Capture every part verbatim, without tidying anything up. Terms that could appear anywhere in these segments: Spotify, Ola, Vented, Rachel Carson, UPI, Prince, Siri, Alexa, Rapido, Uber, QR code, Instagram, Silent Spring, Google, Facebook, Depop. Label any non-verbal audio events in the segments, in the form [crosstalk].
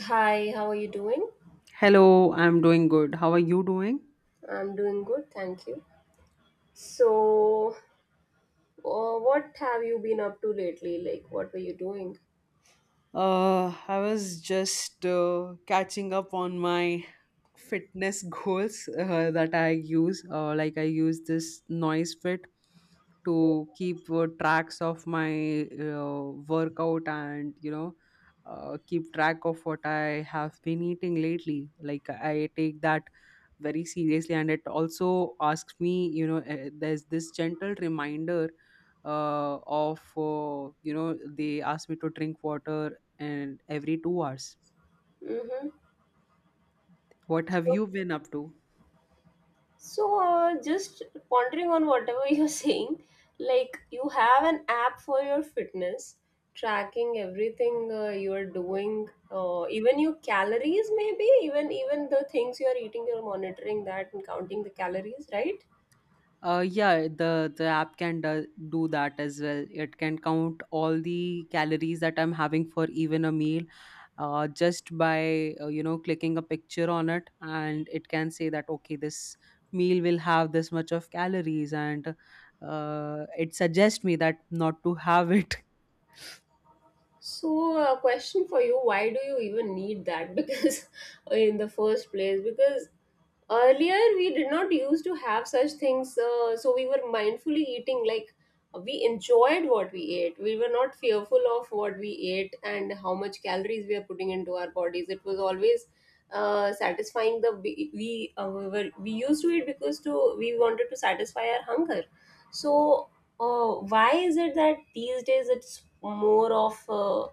Hi, how are you doing? Hello, I'm doing good. How are you doing? I'm doing good, thank you. So, uh, what have you been up to lately? Like, what were you doing? Uh, I was just uh, catching up on my fitness [laughs] goals uh, that I use. Uh, like I use this noise fit to keep uh, tracks of my uh, workout and you know uh, keep track of what I have been eating lately. Like I take that very seriously, and it also asks me. You know, uh, there's this gentle reminder uh, of uh, you know they ask me to drink water and every two hours. Mm-hmm. What have So, you been up to? so uh, just pondering on whatever [laughs] you're saying, like, you have an app for your fitness, tracking everything uh, you're doing, uh, even your calories, maybe, even even the things you're eating, you're monitoring that and counting the calories, right? Uh, yeah, the the app can do, do that as well. It can count all the calories that I'm having for even a meal, uh, just by uh, you know clicking a picture on it, and it can say that okay, this meal will have this much of calories, and uh, it suggests me that not to have it. So, a question for you, why do you even need that? [laughs] Because, in the first place, because earlier we did not used to have such things, uh, so we were mindfully eating, like we enjoyed what we ate, we were not fearful of what we ate and how much calories we are putting into our bodies. It was always uh, satisfying the we we, uh, we were we used to it because to we wanted to satisfy our hunger. So, uh, why is it that these days it's more of uh,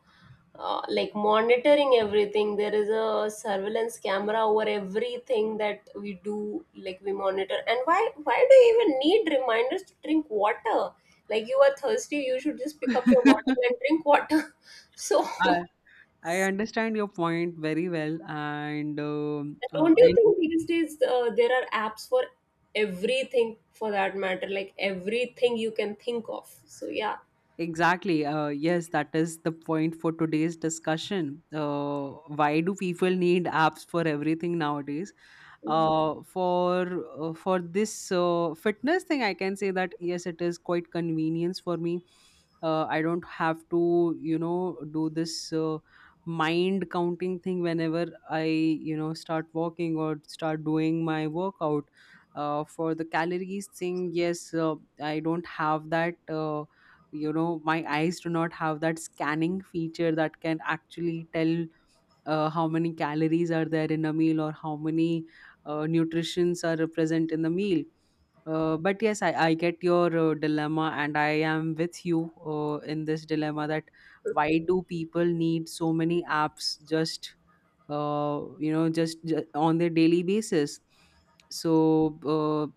uh, like monitoring everything, there is a surveillance camera over everything that we do, like we monitor and why why do you even need reminders to drink water, like you are thirsty, you should just pick up your water [laughs] and drink water. [laughs] So I I understand your point very well, and um uh, don't you I think these days uh, there are apps for everything, for that matter, like everything you can think of, so yeah. exactly. Uh, yes, that is the point for today's discussion. Uh, why do people need apps for everything nowadays? Hmm. Uh, for uh, for this uh, fitness thing, I can say that yes, it is quite convenience for me. Uh, I don't have to, you know, do this uh, mind counting thing whenever I, you know, start walking or start doing my workout. Uh, for the calories thing, yes, uh, I don't have that. Uh, you know my eyes do not have that scanning feature that can actually tell uh, how many calories are there in a meal or how many uh, nutritions are present in the meal uh, but yes I, I get your uh, dilemma and I am with you uh, in this dilemma that why do people need so many apps just uh, you know just, just on their daily basis so uh,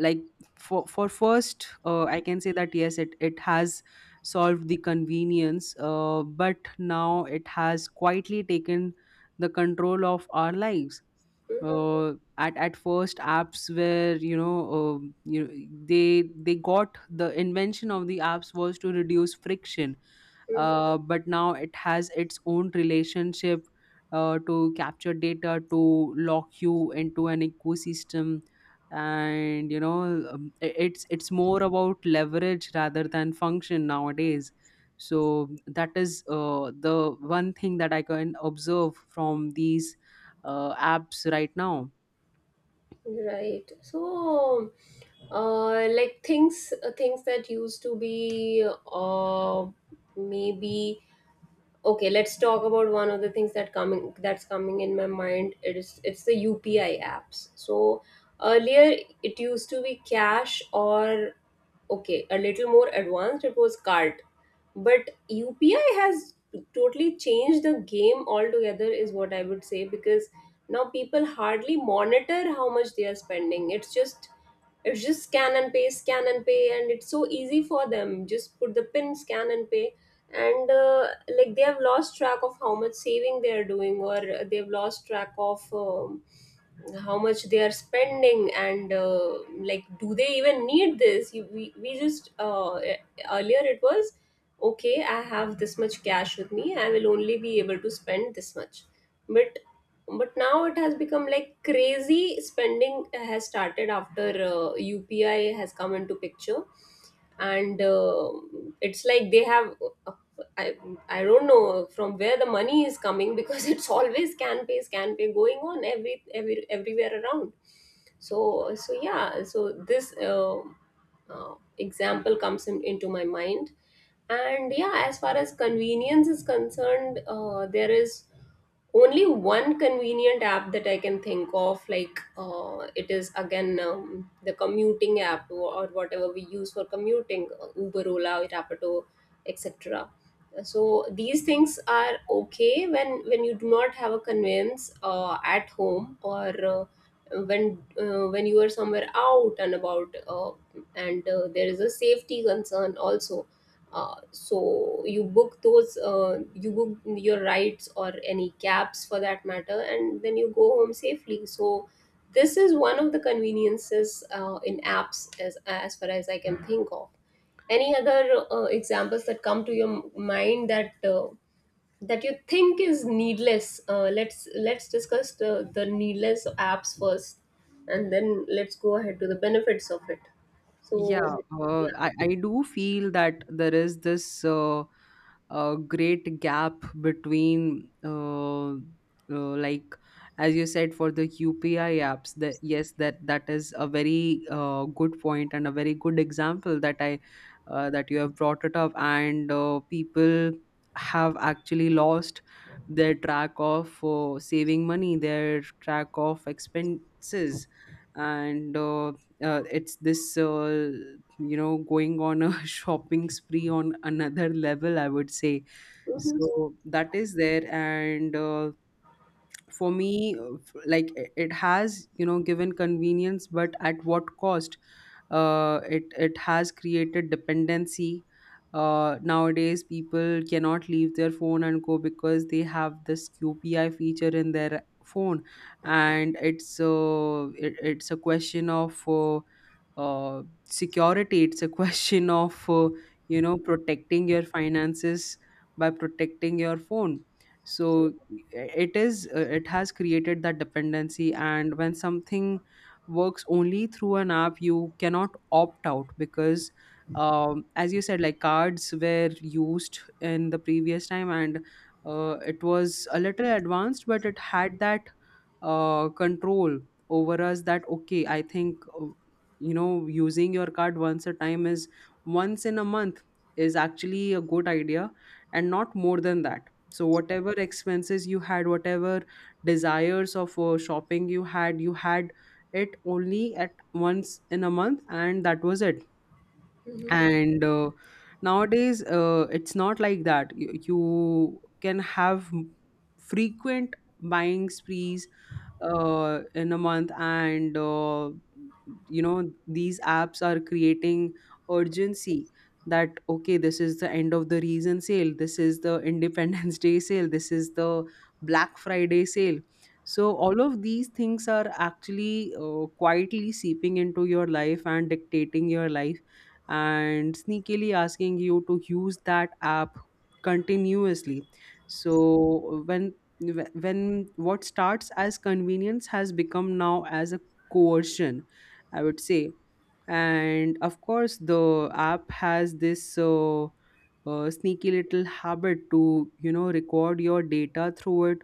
like for for first uh, I can say that yes it it has solved the convenience uh, but now it has quietly taken the control of our lives Hmm. uh, at at first apps were you know uh, you they they got the invention of the apps was to reduce friction uh, but now it has its own relationship uh, to capture data to lock you into an ecosystem and you know um, i- it's it's more about leverage rather than function nowadays so that is uh, the one thing that I can observe from these uh, apps right now. Right. So, uh, like things, uh, things that used to be, uh, maybe okay. Let's talk about one of the things that coming that's coming in my mind. It is it's the U P I apps. So earlier it used to be cash, or okay, a little more advanced, it was cart, but UPI has totally changed the game altogether, is what I would say, because now people hardly monitor how much they are spending. It's just, it's just scan and pay, scan and pay, and it's so easy for them, just put the pin, scan and pay. And uh, like they have lost track of how much saving they are doing, or they've lost track of um, how much they are spending. And uh, like, do they even need this? You, we, we just uh, e- Earlier it was okay, I have this much cash with me, I will only be able to spend this much. But but now it has become like crazy spending has started after uh, UPI has come into picture. And uh, it's like they have, I I don't know from where the money is coming, because [laughs] it's always can pay, can pay going on every every everywhere around. So so yeah, so this uh, uh, example comes in, into my mind, and yeah, as far as convenience is concerned, uh, there is only one convenient app that I can think of, like uh, it is again um, the commuting app, or, or whatever we use for commuting, uh, Uber, Ola, Rapido, etc. So these things are okay when when you do not have a conveyance uh, at home, or uh, when uh, when you are somewhere out and about, uh, and uh, there is a safety concern also. Uh, so you book those, uh, you book your rides or any cabs for that matter, and then you go home safely. So this is one of the conveniences uh, in apps, as, as far as I can think of. Any other uh, examples that come to your mind that uh, that you think is needless? Uh, let's let's discuss the, the needless apps first, and then let's go ahead to the benefits of it. So Yeah, yeah. uh, I, I do feel that there is this uh, uh, great gap between, uh, uh, like, as you said, for the U P I apps, that yes, that that is a very uh, good point and a very good example that I uh, that you have brought it up, and uh, people have actually lost their track of uh, saving money, their track of expenses, and uh, uh, it's this uh, you know going on a [laughs] shopping spree on another level I would say Mhm. so that is there and uh, for me uh, f- like i- it has you know given convenience but at what cost uh, it it has created dependency uh, nowadays people cannot leave their phone and go because they have this qpi feature in their phone and it's uh, it, it's a question of uh, uh, security it's a [laughs] question of uh, you know protecting your finances by protecting your phone so it is uh, it has created that dependency and when something works only through an app you cannot opt out because um, as you said like cards were used in the previous time and uh, it was a little advanced but it had that uh, control over us that okay I think uh, you know using your card once a time is once in a month is actually a good idea and not more than that so whatever expenses you had whatever desires of uh, shopping you had you had it only at once in a month and that was it and uh, nowadays uh, it's not like that you, you can have m- frequent buying sprees uh, in a month and uh, you know these apps are creating urgency that okay this is the end of the reason sale this is the independence [laughs] day sale this is the black friday sale so all of these things are actually uh, quietly seeping into your life and dictating your life and sneakily asking you to use that app continuously so when when what starts as convenience has become now as a coercion I would say and of course the app has this uh, uh, sneaky little habit to you know record your data through it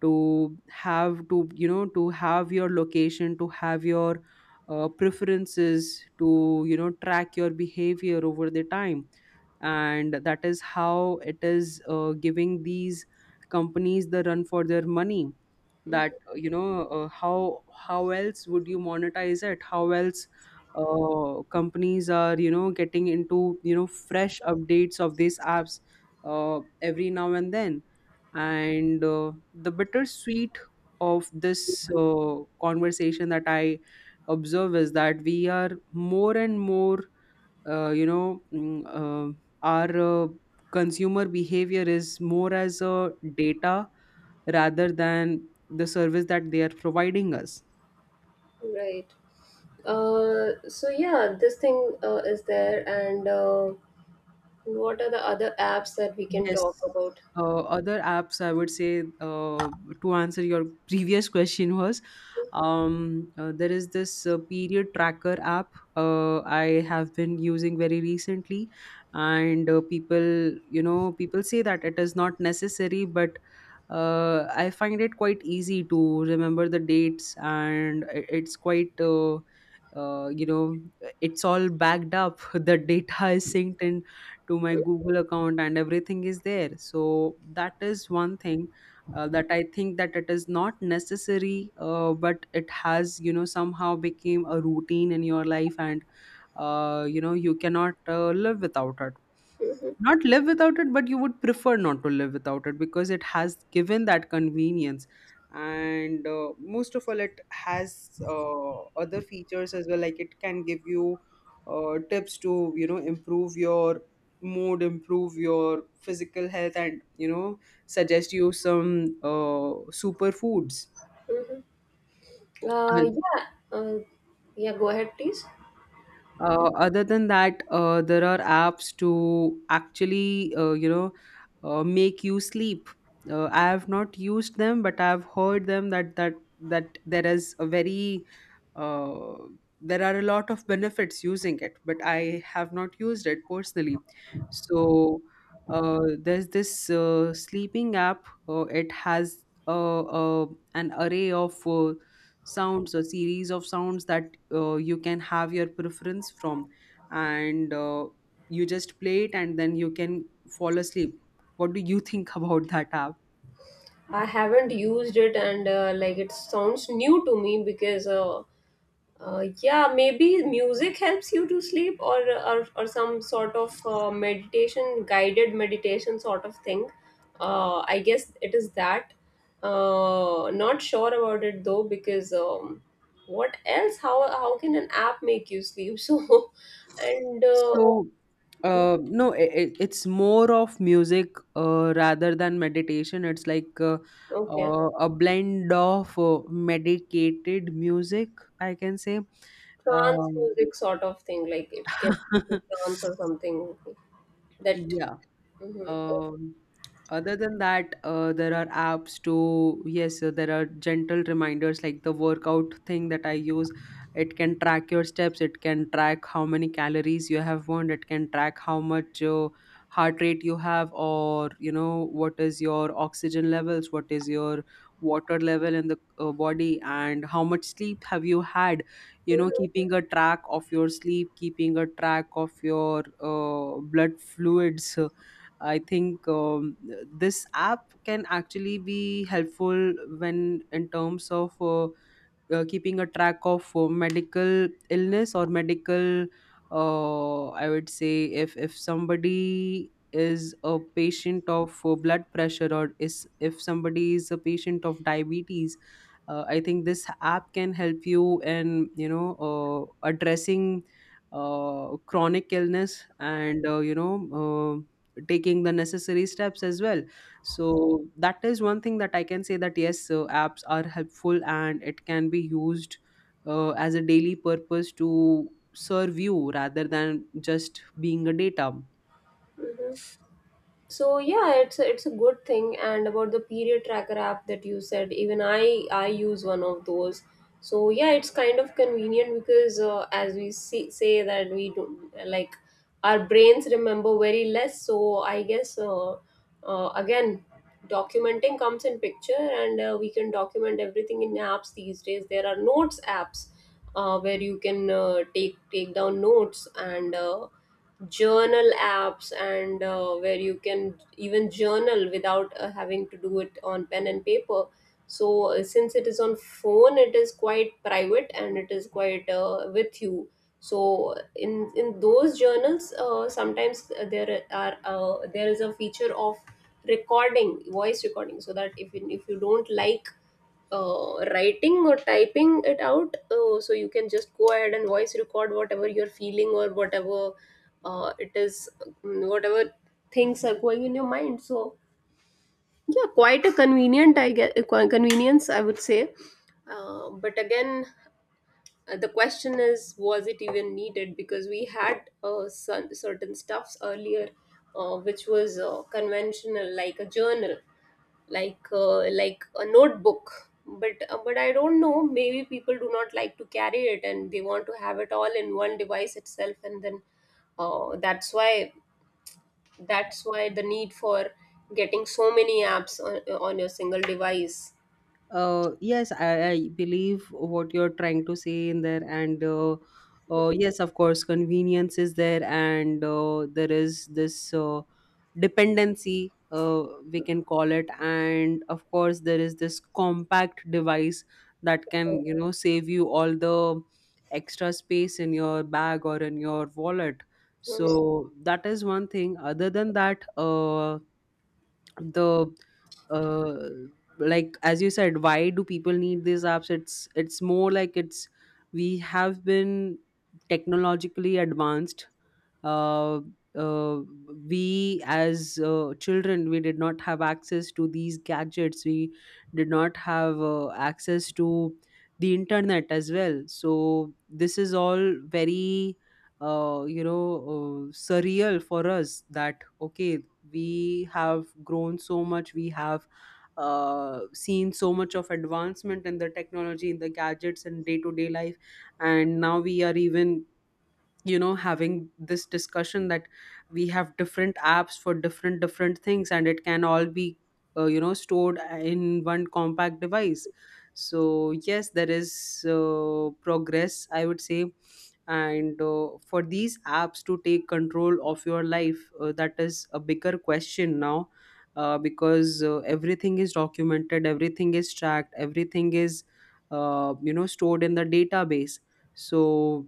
to have to you know to have your location to have your uh, preferences to you know track your behavior over the time and that is how it is uh, giving these companies the run for their money that Mhm. uh, you know uh, how how else would you monetize it how else uh, companies are you know getting into you know fresh updates of these apps uh, every now and then and uh, the bittersweet of this uh, conversation that I observe is that we are more and more uh, you know mm, uh, our uh, consumer behavior is more as a data rather than the service that they are providing us. Right. Uh, so yeah, this thing uh, is there, and uh, what are the other apps that we can Yes. talk about? Uh, other apps, I would say, uh, to answer your previous question was, um, uh, there is this uh, period tracker app uh, I have been using very recently, and uh, people, you know, people say that it is not necessary, but uh, I find it quite easy to remember the dates, and i- it's quite. Uh, uh, you know, it's all backed up. [laughs] The data is synced in to my Mm-hmm, Google account, and everything is there. So that is one thing uh, that I think that it is not necessary, uh, but it has you know somehow became a routine in your life, and uh, you know you cannot uh, live without it, mm-hmm. not live without it but you would prefer not to live without it because it has given that convenience and uh, most of all it has uh, other features as well like it can give you uh, tips to you know improve your mood improve your physical health and you know suggest you some uh, superfoods. Mm-hmm. Uh, Uh, yeah, uh, yeah. Go ahead, please. Uh, other than that, uh, there are apps to actually, uh, you know, uh, make you sleep. Uh, I have not used them, but I've heard them that that that there is a very uh, there are a lot of benefits using it, but I have not used it personally. So uh, there's this uh, sleeping app. Uh, it has uh, uh, an array of uh, sounds or series of sounds that uh, you can have your preference from and uh, you just play it and then you can fall asleep. What do you think [laughs] about that app? I haven't used it, and uh, like it sounds new to me because uh, Uh, yeah, maybe music helps you to sleep, or or, or some sort of uh, meditation, guided meditation sort of thing. Uh, I guess it is that. Uh, not sure about it though, because um, what else? How how can an app make you sleep? [laughs] So, and uh, So uh, no it, it's more of music uh, rather than meditation, it's like uh, okay, uh, a blend of uh, medicated music I can say. trance um, music sort of thing, like it gets into [laughs] trance or something that. yeah. Mhm. Um, other than that, uh, there are apps to, yes, uh, there are gentle reminders like the workout thing that I use. It can track your steps, it can track how many calories you have burned, it can track how much uh, heart rate you have, or, you know, what is your oxygen levels, what is your water level in the uh, body, and how much sleep have you had. You know, Mhm, keeping a track of your sleep, keeping a track of your uh, blood fluids uh, I think um, this app can actually be helpful when in terms of uh, uh, keeping a track of uh, medical illness or medical uh, I would say if if somebody is a patient of uh, blood pressure or is if somebody is a patient of diabetes uh, I think this app can help you in you know uh, addressing uh, chronic illness and uh, you know uh, taking the necessary steps as well so that is one thing that I can say that yes uh, apps are helpful and it can be used uh, as a daily purpose to serve you rather than just being a data. mhm. So yeah, it's a, it's a good thing, and about the period tracker app that you said, even i i use one of those. So yeah, it's kind of convenient because uh, as we see, say that we do not like, our brains remember very less, so I guess uh, uh, again documenting comes in picture. And uh, we can document everything in apps these days. There are notes apps uh, where you can uh, take take down notes, and uh, journal apps, and uh, where you can even journal without uh, having to do it on pen and paper. So uh, since it is on phone, it is quite private and it is quite uh, with you. So in in those journals, uh, sometimes uh, there are uh, there is a feature of recording voice recording, so that if you, if you don't like uh, writing or typing it out, uh, so you can just go ahead and voice record whatever you're feeling, or whatever uh, it is mm, whatever things are going in your mind. So yeah, quite a convenient, I get convenience, I would say. Uh, but again, uh, the question is, was it even needed? Because we had uh, some, certain stuffs earlier uh, which was uh, conventional, like a journal, like uh, like a notebook. But uh, but I don't know, maybe people do not like to carry it and they want to have it all in one device itself, and then uh, that's why that's why the need for getting so many apps on, on your single device. Uh, yes, I, I believe what you're trying to say in there, and uh, uh, yes, of course, convenience is there, and uh, there is this uh, dependency, uh, we can call it, and of course, there is this compact device that can, you know, save you all the extra space in your bag or in your wallet. Mhm. So that is one thing. Other than that, uh, the uh like as you said, why do people need these apps? It's it's more like it's we have been technologically advanced. uh, uh, we as uh, children, we did not have access to these gadgets, we did not have uh, access to the internet as well, so this is all very uh, you know uh, surreal for us that okay, we have grown so much, we have uh, seen so much of advancement in the technology, in the gadgets and day to day life, and now we are even, you know, having this discussion that we have different apps for different different things and it can all be, uh, you know, stored in one compact device. So yes, there is uh, progress, I would say. And uh, for these apps to take control of your life, uh, that is a bigger question now. Uh, because uh, everything is documented, everything is tracked, everything is, uh, you know, stored in the database. So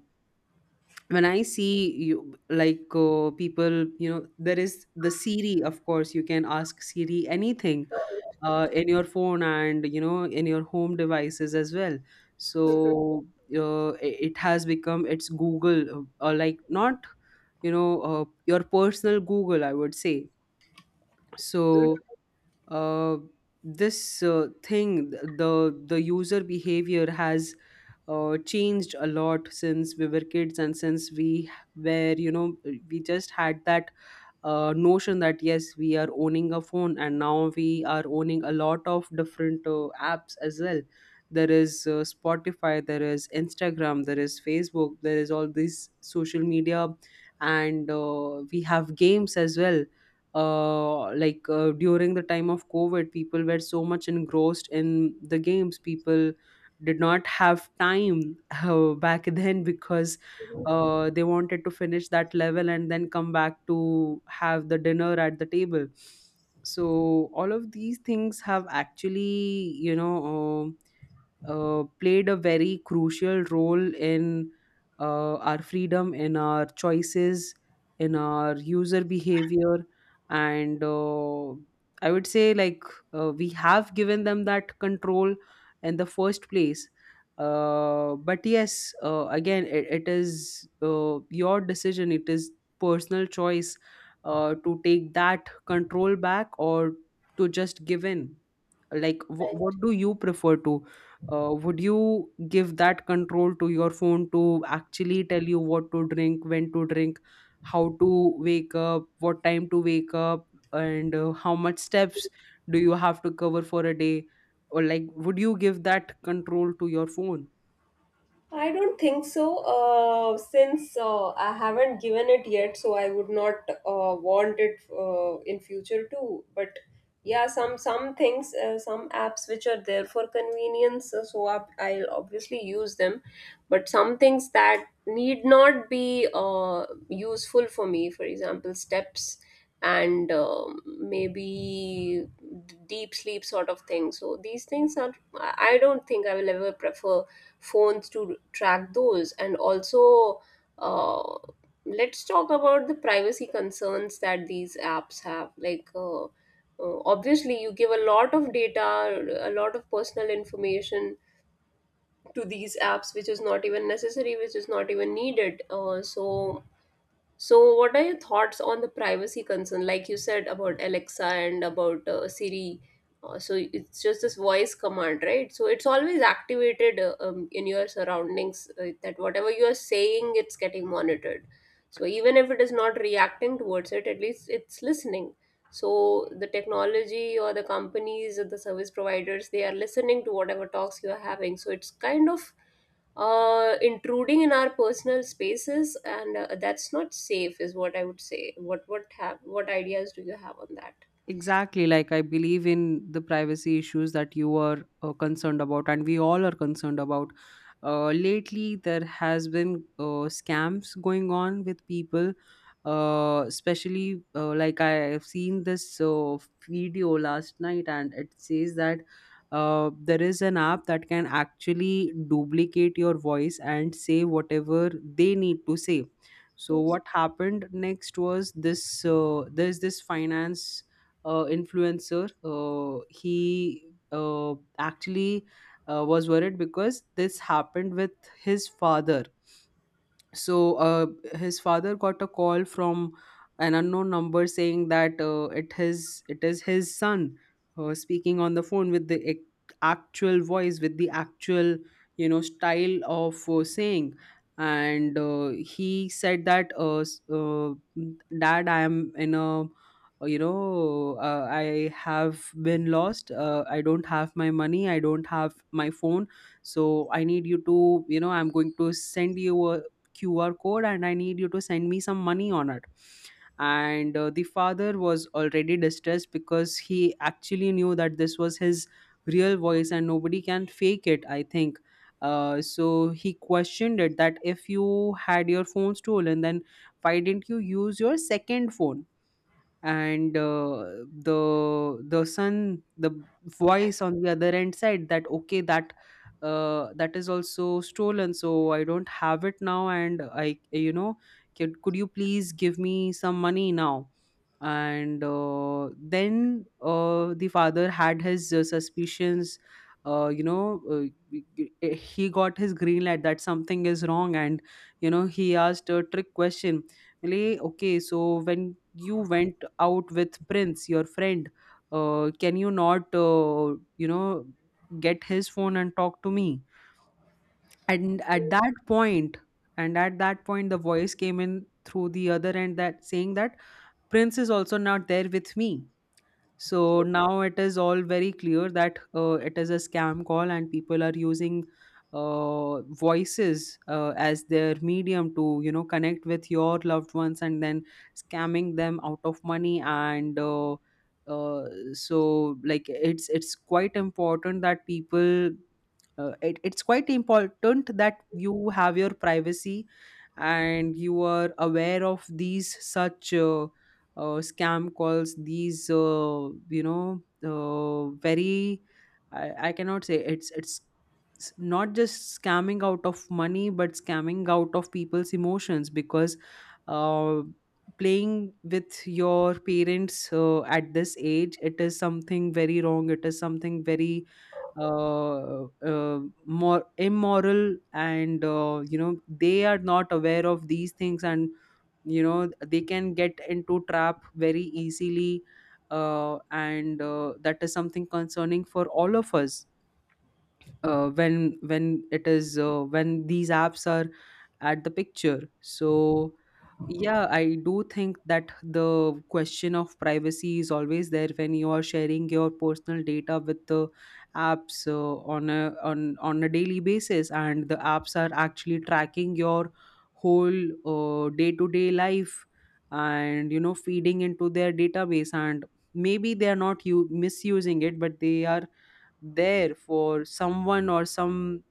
when I see you, like uh, people, you know, there is the Siri, of course, you can ask Siri anything uh, in your phone and, you know, in your home devices as well. So Mhm. uh, i- it has become, it's Google, uh, or like, not, you know, uh, your personal Google, I would say. So uh, this uh, thing, th- the the user behavior has uh, changed a lot since we were kids, and since we were, you know, we just had that uh, notion that yes, we are owning a phone, and now we are owning a lot of different uh, apps as well. There is uh, Spotify, there is Instagram, there is Facebook, there is all these social media. And uh, we have games as well. Uh, like uh, during the time of COVID, people were so much engrossed in the games, people did not have time [laughs] uh, back then because uh, they wanted to finish that level and then come back to have the dinner at the table. So all of these things have actually, you know, um, uh, played a very crucial role in uh, our freedom, in our choices, in our user behavior. And uh, I would say, like, uh, we have given them that control in the first place. Uh, but yes, uh, again, it, it is uh, your decision, it is personal choice uh, to take that control back or to just give in. Like wh- what Mhm. do you prefer to, uh, would you give that control to your phone to actually tell you what to drink, when to drink, how to wake up, what time to wake up, and uh, how much steps do you have to cover for a day? Or like, would you give that control to your phone? I don't think so, uh, since uh, I haven't given it yet, so I would not uh, want it uh, in future too. But yeah, some some things, uh, some apps which are there for convenience, uh, so I, I'll obviously use them. But some things that need not be uh, useful for me, for example, steps, and um maybe d- deep sleep sort of thing. So these things are, I I don't think I will ever prefer phones to track those. And also, uh, let's talk about the privacy concerns that these apps have, like uh, uh, obviously you give a lot of data, a lot of personal information to these apps, which is not even necessary, which is not even needed. Uh, so so, what are your thoughts on the privacy concern? Like you said about Alexa and about uh, Siri. Uh, so, it's just this voice command, right? So, it's always activated uh, um, in your surroundings, uh, that whatever you are saying, it's getting monitored. So, even if it is not reacting towards it, at least it's listening. So, the technology or the companies or the service providers, they are listening to whatever talks you are having. So, it's kind of uh, intruding in our personal spaces, and uh, that's not safe, is what I would say. What what have what ideas do you have on that? Exactly. Like, I believe in the privacy issues that you are uh, concerned about, and we all are concerned about. Uh, lately, there has been uh, scams going on with people, uh, especially uh, like I have seen this uh, video last night, and it says that uh, there is an app that can actually duplicate your voice and say whatever they need to say. So, what happened next was this, uh, there's this finance uh, influencer, uh, he uh, actually uh, was worried because this happened with his father. So uh, his father got a call from an unknown number saying that uh, it his it is his son uh, speaking on the phone with the ac- actual voice, with the actual, you know, style of uh, saying. And uh, he said that, uh, s- uh, dad, I am in a, uh, you know uh, I have been lost, uh, I don't have my money, I don't have my phone, so I need you to, you know, I'm going to send you a Q R code and I need you to send me some money on it. And uh, the father was already distressed because he actually knew that this was his real voice and nobody can fake it, I think. Uh, so he questioned it that, if you had your phone stolen, then why didn't you use your second phone? And uh, the the son the voice on the other end said that okay, that uh, that is also stolen, so I don't have it now, and I, you know, could, could you please give me some money now? And uh, then uh, the father had his uh, suspicions. Uh, you know uh, he got his green light that something is wrong, and, you know, he asked a trick question. Really? Okay, so when you went out with Prince, your friend, uh, can you not, uh, you know, get his phone and talk to me? And at that point, and at that point, the voice came in through the other end, that saying that Prince is also not there with me. So now it is all very clear that uh, it is a scam call, and people are using uh, voices uh, as their medium to, you know, connect with your loved ones and then scamming them out of money. And uh, uh, so, like it's it's quite important that people. Uh, it, it's quite important that you have your privacy and you are aware of these such uh, uh, scam calls, these uh, you know uh, very, I, I cannot say, it's it's s- not just scamming out of money, but scamming out of people's emotions. Because uh, playing with your parents uh, at this age, it is something very wrong, it is something very uh, uh, more immoral. And uh, you know, they are not aware of these things, and you know, they can get into trap very easily. Uh, and uh, That is something concerning for all of us uh, when when it is uh, when these apps are at the picture. So yeah, I do think that the question of privacy is always there when you are sharing your personal data with the apps uh, on a on on a daily basis, and the apps are actually tracking your whole day to day life, and you know, feeding into their database. And maybe they are not you misusing it, but they are there for someone, or some,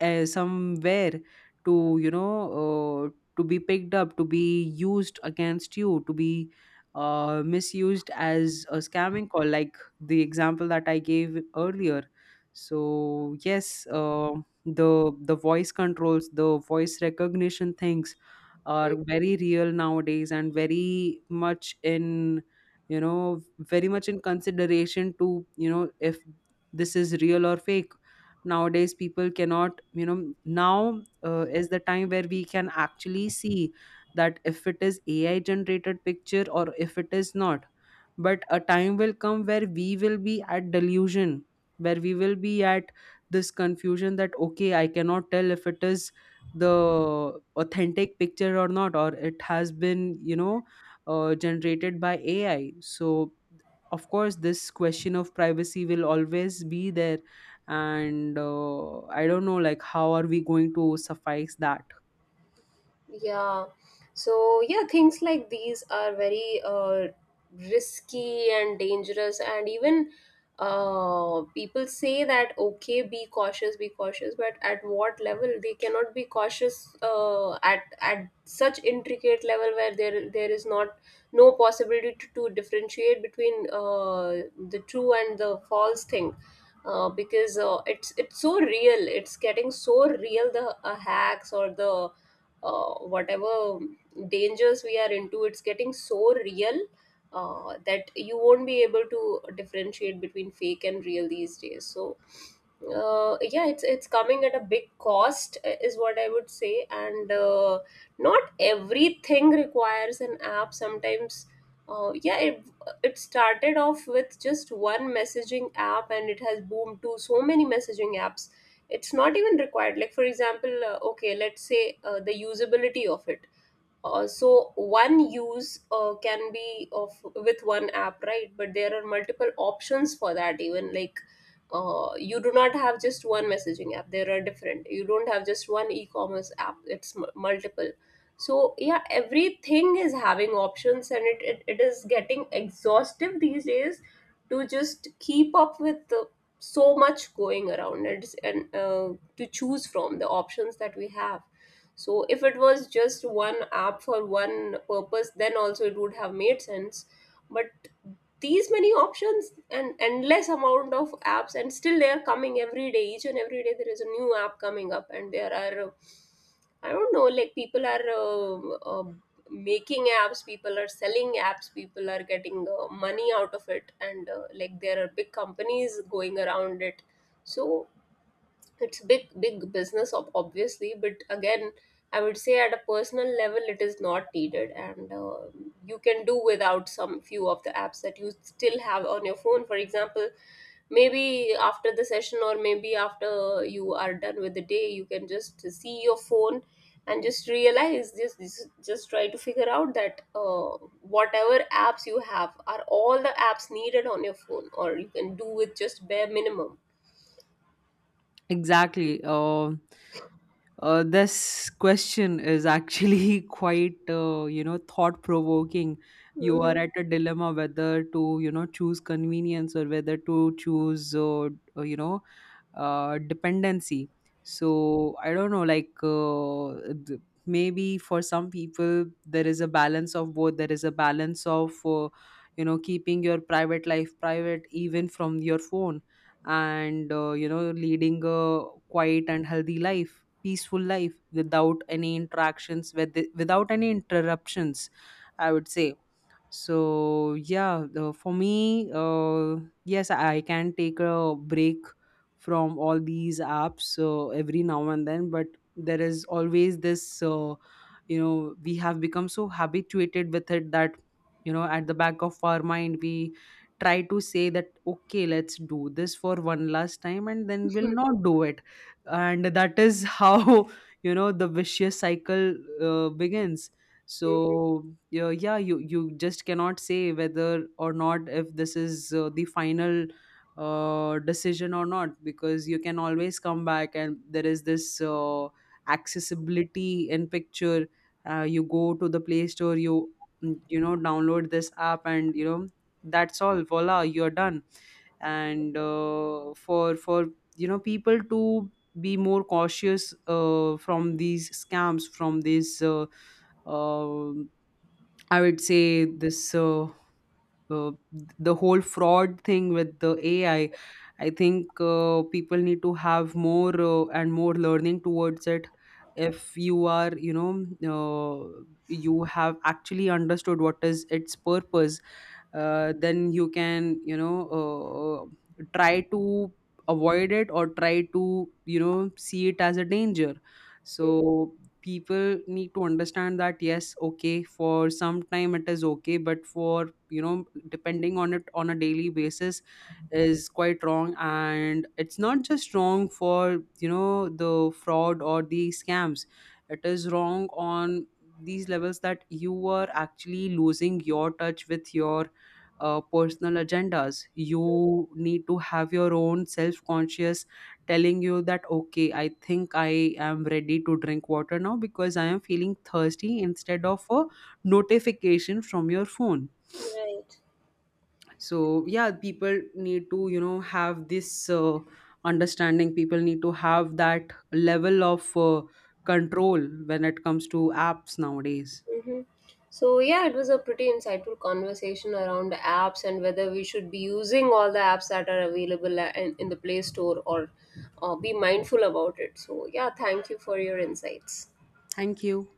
uh, somewhere, to, you know, uh, to be picked up, to be used against you, to be uh, misused as a scamming call, like the example that I gave earlier. So yes, uh, the the voice controls, the voice recognition things are very real nowadays, and very much in, you know, very much in consideration to, you know, if this is real or fake. Nowadays people cannot, you know, now uh, is the time where we can actually see that if it is AI generated picture or if it is not. But a time will come where we will be at delusion, where we will be at this confusion that okay, I cannot tell if it is the authentic picture or not, or it has been, you know, uh, generated by AI. So of course, this question of privacy will always be there. And uh, I don't know, like how are we going to suffice that? Yeah. So, yeah, things like these are very uh, risky and dangerous. And even uh, people say that, okay, be cautious, be cautious. But at what level? They cannot be cautious uh, at, at such intricate level where there there is not, no possibility to, to differentiate between uh, the true and the false thing. Uh, because uh, it's it's so real, it's getting so real, the uh, hacks or the uh, whatever dangers we are into, it's getting so real uh, that you won't be able to differentiate between fake and real these days. So uh, yeah, it's it's coming at a big cost, uh, is what I would say. And uh, not everything requires an app. Sometimes, uh, yeah, it, it started off with just one messaging app and it has boomed to so many messaging apps. It's not even required, like for example, uh, okay, let's say uh, the usability of it. Uh, so one use uh, can be of with one app, right? But there are multiple options for that even. Like uh, you do not have just one messaging app, there are different, you don't have just one e-commerce app, it's m- multiple. So yeah, everything is having options, and it, it, it is getting exhaustive these days, to just keep up with the, so much going around. It's, and uh, to choose from the options that we have. So if it was just one app for one purpose, then also it would have made sense. But these many options and endless amount of apps, and still they are coming every day. Each and every day there is a new app coming up. And there are uh, I don't know, like people are uh, uh, making apps, people are selling apps, people are getting uh, money out of it, and uh, like there are big companies going around it. So it's big big business, ob- obviously. But again, I would say at a personal level it is not needed. And uh, you can do without some few of the apps that you still have on your phone. For example, maybe after the session, or maybe after you are done with the day, you can just see your phone and just realize this, just, just try to figure out that uh, whatever apps you have, are all the apps needed on your phone, or you can do with just bare minimum. Exactly. Uh, Uh, this question is actually [laughs] quite, uh, you know, thought provoking. You are Mhm. at a dilemma whether to, you know, choose convenience or whether to choose, uh, uh, you know, uh, dependency. So I don't know like, uh, th- maybe for some people there is a balance of both, there is a balance of, uh, you know, keeping your private life private even from your phone, and uh, you know, leading a quiet and healthy life, peaceful life without any interactions with the, without any interruptions, I would say. So yeah, the, for me, uh, yes I can take a break from all these apps, so every now and then. But there is always this, uh, you know, we have become so habituated with it that, you know, at the back of our mind, we try to say that okay, let's do this for one last time and then we'll not do it. And that is how [laughs] you know, the vicious cycle uh, begins. So yeah, yeah you, you just cannot say whether or not if this is uh, the final uh, decision or not, because you can always come back, and there is this uh, accessibility in picture. Uh, you go to the Play Store, you mm, you know, download this app, and you know, that's all, voila, you're done. And uh, for for you know, people to be more cautious uh, from these scams, from these uh, um I would say this, uh, uh, the whole fraud thing with the A I, I I think uh, people need to have more uh, and more learning towards it. If you are, you know, uh, you have actually understood what is its purpose, uh, then you can, you know, uh, try to avoid it or try to, you know, see it as a danger. So Mhm. people need to understand that yes okay, for some time it is okay, but for, you know, depending on it on a daily basis is quite wrong. And it's not just wrong for, you know, the fraud or the scams, it is wrong on these levels, that you are actually losing your touch with your uh, personal agendas. You need to have your own self conscious telling you that, okay, I think I am ready to drink water now because I am feeling thirsty, instead of a notification from your phone. Right. So yeah, people need to, you know, have this uh, understanding, people need to have that level of uh, control when it comes to apps nowadays. Mm-hmm. So, yeah, it was a pretty insightful conversation around apps and whether we should be using all the apps that are available a- in, in the Play Store, or uh, be mindful about it. So, yeah, thank you for your insights. Thank you.